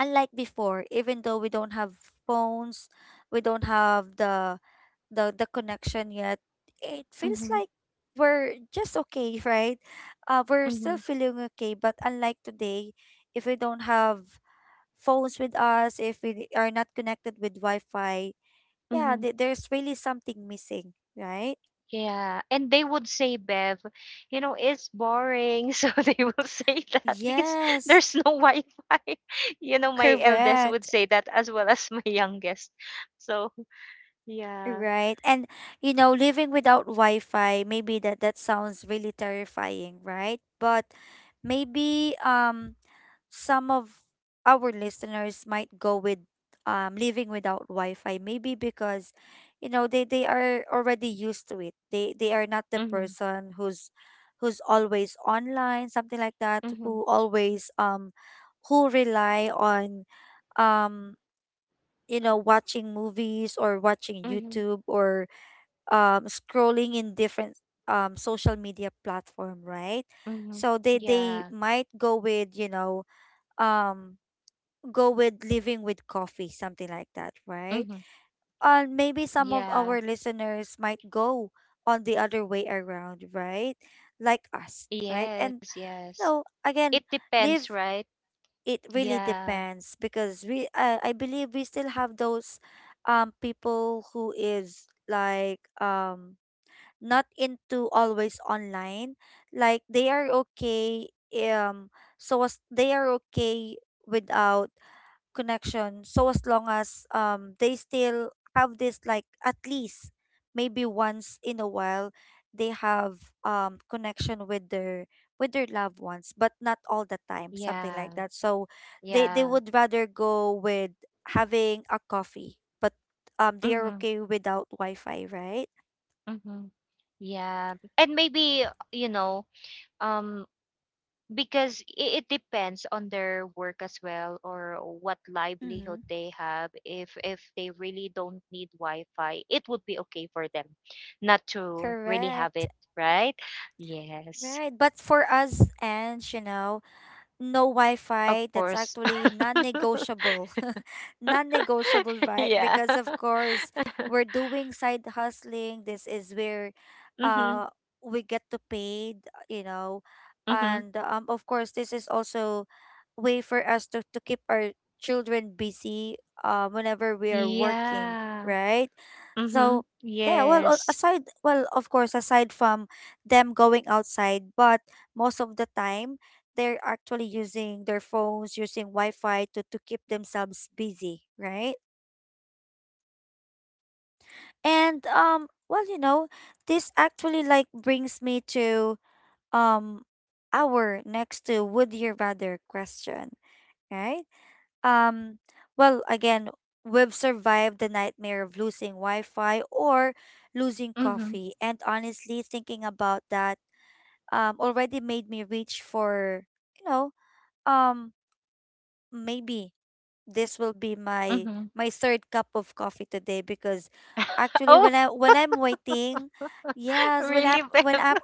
Unlike before, even though we don't have phones, we don't have the connection yet. It feels
Mhm.
like we're just okay, right? We're still
Mhm.
feeling okay, but unlike today, if we don't have phones with us, if we are not connected with Wi-Fi, yeah,
Mhm.
there's really something missing, right?
Yeah, and they would say, Bev, you know, it's boring. So they will say that, because
Yes,
there's no Wi-Fi. You know, my eldest would
correct.
say that as well as my youngest. So yeah.
Right. And, living without Wi-Fi, maybe that sounds really terrifying, right? But maybe some of our listeners might go with living without Wi-Fi, maybe because you know they are already used to it. They are not the
Mm-hmm.
person who's always online, something like that,
Mm-hmm.
who always who rely on um you know watching movies or watching
Mm-hmm.
YouTube or scrolling in different social media platform, right?
Mm-hmm.
So they
Yeah.
might go with, you know, um go with living with coffee, something like that, right?
Mm-hmm.
And maybe some of
Yeah.
our listeners might go on the other way around, right? Like us, right?
Yes,
And
yes.
no,
It
again,
depends,
live
right?
it really
Yeah.
depends because we I believe we still have those people who is like not into always online like they are okay um so as they are okay without connection. So as long as they still have this like at least maybe once in a while they have connection with their loved ones, but not all the time, something
Yeah.
like that. So they
Yeah.
would rather go with having a coffee, but they are
Mm-hmm.
okay without Wi-Fi, right?
Mm-hmm. Yeah. And maybe, you know, um because, it depends on their work as well, or what livelihood
Mm-hmm.
they have. If they really don't need wi-fi, it would be okay for them not to really have
Correct.
it, right? Yes,
Right, but for us, and you know, no
of
Wi-Fi, that's
course.
actually non-negotiable. Non-negotiable, right?
Yeah.
Because of course, we're doing side hustling. This is where
Mhm.
uh we get to paid, you know.
Mhm.
And of course, this is also way for us to keep our children busy whenever we are working,
Yeah.
right?
Mhm.
So yeah, well,
Yes.
aside, well, of course, aside from them going outside, but most of the time they're actually using their phones, using Wi-Fi to keep themselves busy, right? And well, you know, this actually like brings me to um our next to would you rather question, right? Um, well, again, we've survived the nightmare of losing Wi-Fi or losing
Mhm.
coffee, and honestly, thinking about that already made me reach for you know um maybe this will be my
Mhm.
my third cup of coffee today because actually
Oh
when I'm waiting, yes, when I
really,
when
Bev?
I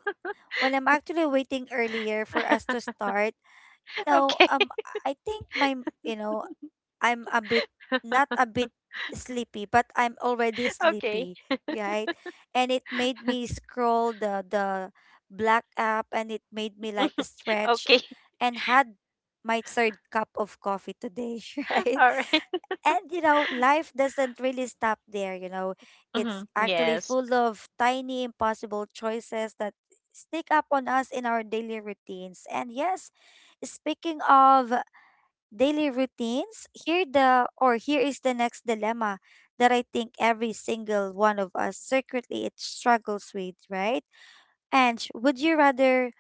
when I'm actually waiting earlier for us to start, you know,
Okay.
I think my you know, I'm a bit not a bit sleepy, but I'm already
Okay.
sleepy, right? And it made me scroll the black app and it made me like stretch
Okay.
and had my third cup of coffee today, right?
All right.
And you know, life doesn't really stop there, you know. It's
Mhm.
actually
Yes.
full of tiny impossible choices that sneak up on us in our daily routines. And yes, speaking of daily routines, here is the next dilemma that I think every single one of us secretly it struggles with, right? And would you rather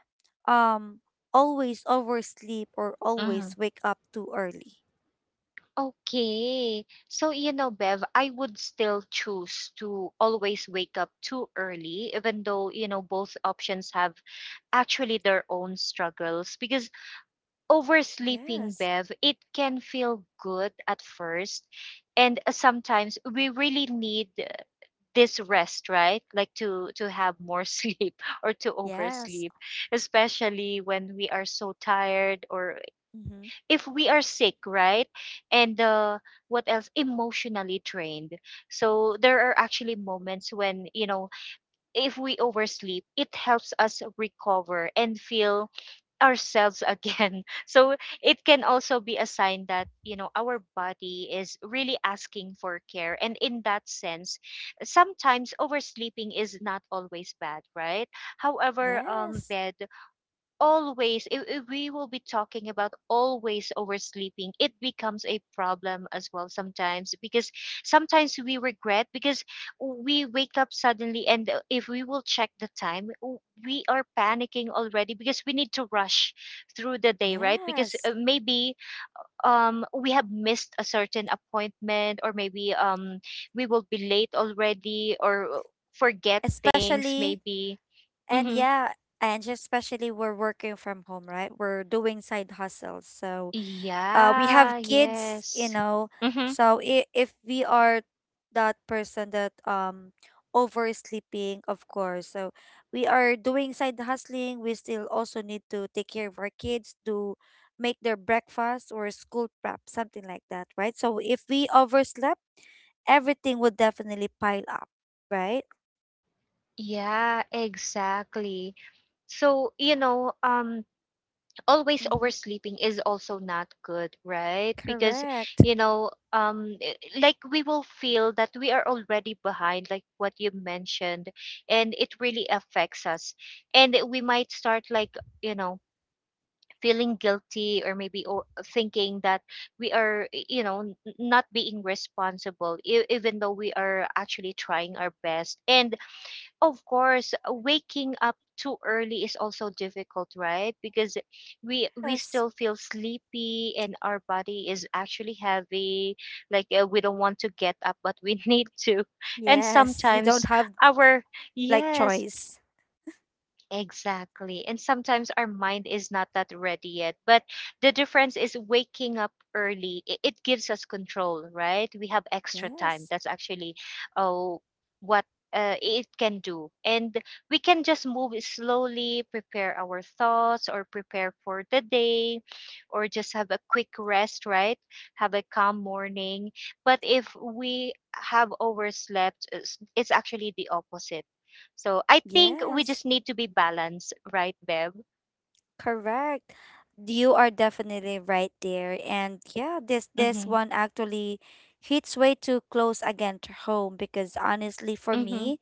um always oversleep or
Mhm.
always wake up too early?
Okay. So, you know, Bev, I would still choose to always wake up too early, even though, you know, both options have actually their own struggles. Because oversleeping,
Yes.
Bev, it can feel good at first. And sometimes we really need, this rest, right? Like, to have more sleep, or to
Yes.
oversleep, especially when we are so tired, or if we are sick, right? And what else? Emotionally trained. So there are actually moments when, you know, if we oversleep, it helps us recover and feel ourselves again. So it can also be a sign that, you know, our body is really asking for care. And in that sense, sometimes oversleeping is not always bad, right? However,
Yes,
bed always, if we will be talking about always oversleeping, it becomes a problem as well sometimes, because sometimes we regret, because we wake up suddenly, and if we will check the time, we are panicking already, because we need to rush through the day, right? Because
yes.
maybe, we have missed a certain appointment, or maybe, we will be late already, or forget things,
Especially,
maybe.
and
Mhm.
yeah, and especially we're working from home, right? We're doing side hustles. So, we have
Yeah,
kids, you
yes.
know.
Mm-hmm.
So if we are that person that oversleeping, of course. So we are doing side hustling. We still also need to take care of our kids, to make their breakfast or school prep, something like that, right? So if we overslept everything would definitely pile up, right?
Yeah, exactly. So, you know, always
Mm-hmm.
oversleeping is also not good, right? Because,
Correct.
you know, like, we will feel that we are already behind, like what you mentioned, and it really affects us. And we might start, like, you know, feeling guilty, or maybe, thinking that we are, you know, not being responsible, even though we are actually trying our best. And of course, waking up too early is also difficult, right? Because we
Yes.
still feel sleepy, and our body is actually heavy, like, we don't want to get up, but we need to. And
Yes. You don't
sometimes
have
our,
like
yes.
choice.
Exactly. And sometimes our mind is not that ready yet. But the difference is waking up early. It gives us control, right? We have extra time.
Yes.
That's actually, oh, what, it can do. And we can just move slowly, prepare our thoughts, or prepare for the day, or just have a quick rest, right? Have a calm morning. But if we have overslept, it's actually the opposite. So I think we
Yes.
just need to be balanced, right, Bev?
Correct. You are definitely right there. And yeah, this
Mm-hmm.
this one actually hits way too close again to home because honestly for
Mm-hmm.
me,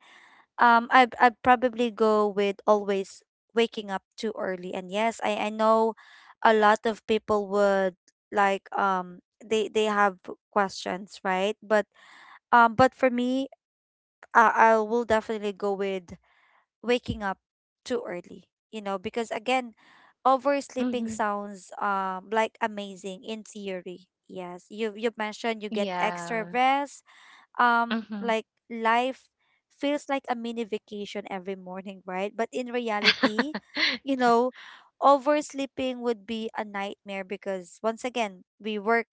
um I probably go with always waking up too early. And yes, I know a lot of people would like they have questions, right? But for me, I will definitely go with waking up too early, you know, because again,
Mm-hmm.
oversleeping sounds like amazing in theory. Yes, you mentioned you get
Yeah.
extra rest
Mm-hmm.
like life feels like a mini vacation every morning, right? But in reality, you know, oversleeping would be a nightmare because once again, we work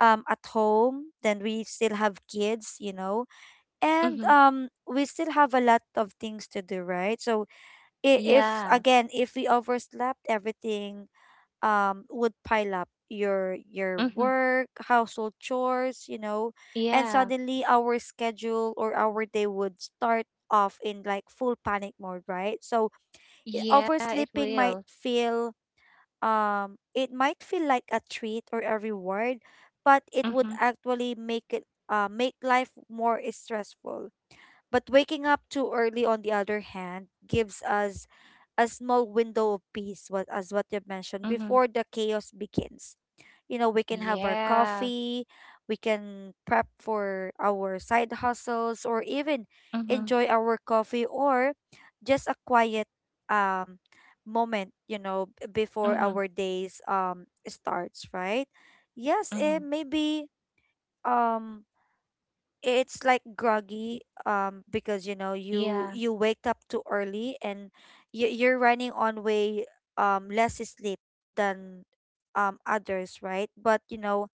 at home, then we still have kids, you know,
Mm-hmm.
and we still have a lot of things to do, right? So if
Yeah.
again, if we overslept everything would pile up your
Mm-hmm.
work household chores, you know, and
Yeah.
suddenly our schedule or our day would start off in like full panic mode, right? So
Yeah, it
oversleeping
will.
might feel it might feel like a treat or a reward, but it
Mm-hmm.
would actually make it make life more stressful. But waking up too early on the other hand gives us a small window of peace, what as what you mentioned,
Mm-hmm.
before the chaos begins. You know, we can have our
Yeah.
coffee, we can prep for our side hustles, or even
Mm-hmm.
enjoy our coffee or just a quiet um moment, you know, before
Mm-hmm.
our days starts, right? Yes,
Mm-hmm.
maybe um it's like groggy because you know you
Yeah.
you wake up too early and you're running on way less sleep than others, right? But you know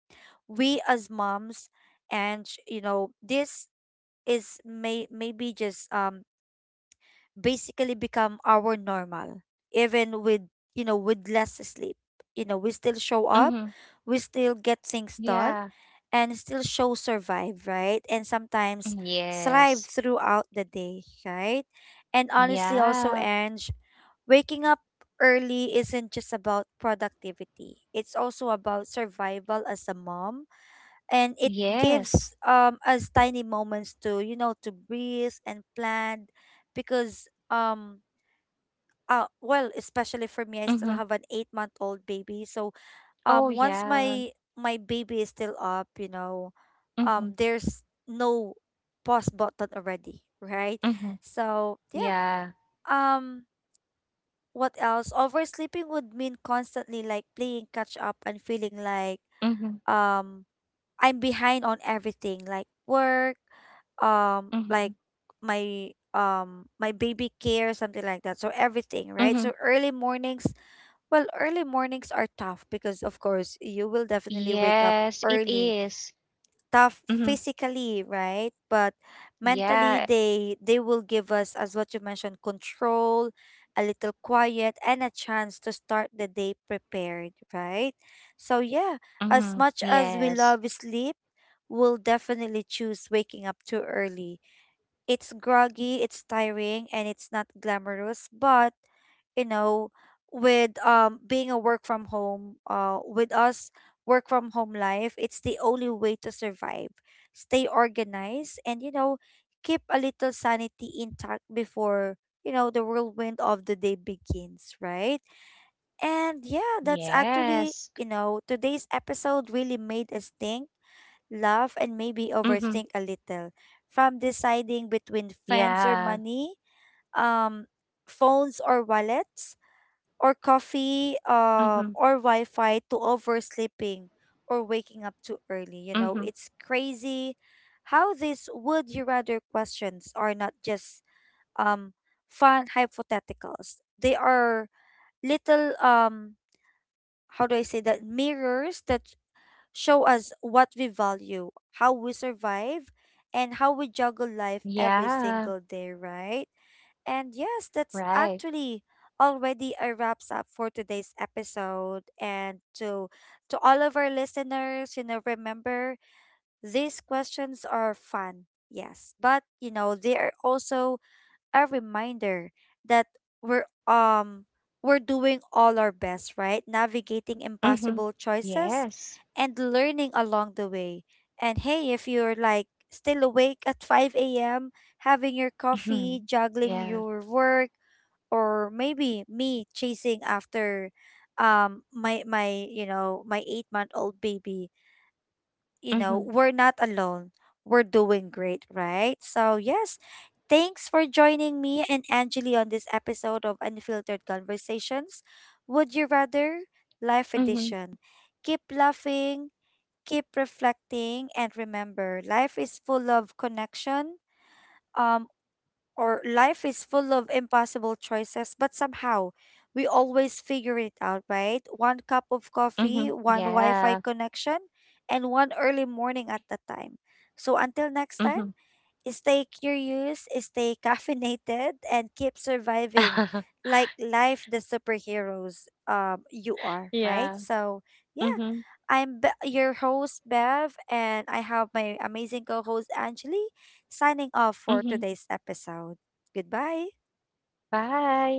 we as moms, and you know this is maybe just basically become our normal even with you know with less sleep, you know we still show
Mm-hmm.
up, we still get things done,
Yeah.
and still show survive, right? And
Mm,
sometimes
yes.
thrive throughout the day, right? And honestly
Yeah.
also Ange, waking up early isn't just about productivity, it's also about survival as a mom, and it
Yes.
gives us tiny moments to you know to breathe and plan because well especially for me I
Mm-hmm.
still have an 8-month-old baby, so
Oh
once
yeah.
my baby is still up, you know,
Mm-hmm.
there's no pause button already, right?
Mm-hmm.
So yeah,
Yeah.
um what else, oversleeping would mean constantly like playing catch up and feeling like
Mm-hmm.
um I'm behind on everything like work,
Mm-hmm.
like my my baby care, something like that, so everything, right? So early mornings, well early mornings are tough because of course you will definitely wake
Yes,
up
it
early,
is.
tough
Mm-hmm.
physically right, but
Yeah.
mentally they will give us, as what you mentioned, control, a little quiet and a chance to start the day prepared, right? So
Mm-hmm.
yeah, as much
Yes.
as we love sleep, we'll definitely choose waking up too early. It's groggy, it's tiring, and it's not glamorous. But, you know, with being a work from home, with us work from home life, it's the only way to survive. Stay organized and, you know, keep a little sanity intact before, you know, the whirlwind of the day begins, right? And yeah, that's
Yes.
actually, you know, today's episode really made us think, laugh, and
Mm-hmm.
maybe overthink a little. From deciding between
Yeah.
friends or money, um, phones or wallets, or coffee,
Mm-hmm.
or Wi Fi to oversleeping or waking up too early.
Mm-hmm.
You know, it's crazy how these would you rather questions are not just um, fun hypotheticals. They are little how do I say that, mirrors that show us what we value, how we survive, and how we juggle life every
Yeah.
single day, right? And yes, that's
Right.
actually already a wraps up for today's episode. And to all of our listeners, you know, remember these questions are fun, yes, but you know, they are also a reminder that we're um we're doing all our best, right? Navigating
Mm-hmm.
impossible choices
Yes.
and learning along the way. And hey, if you're like still awake at 5 a.m., having your
Mm-hmm.
coffee,
Yeah.
juggling your work, or maybe me chasing after my my you know my 8 month old baby, you
Mm-hmm.
know, we're not alone. We're doing great, right? So, yes, thanks for joining me and Angeli on this episode of Unfiltered Conversations. Would you rather? Life
Mm-hmm.
edition. Keep laughing, keep reflecting, and remember life is full of connection. Um, or life is full of impossible choices, but somehow we always figure it out, right? One cup of
Mm-hmm.
coffee, one
Yeah.
Wi Fi connection, and one early morning at the time. So until next
Mm-hmm.
time, stay curious, stay caffeinated, and keep surviving like life the superheroes you are,
Yeah.
right? So
Mm-hmm.
yeah, your host Bev, and I have my amazing co-host Angeli signing off
Mm-hmm.
for today's episode. Goodbye.
Bye.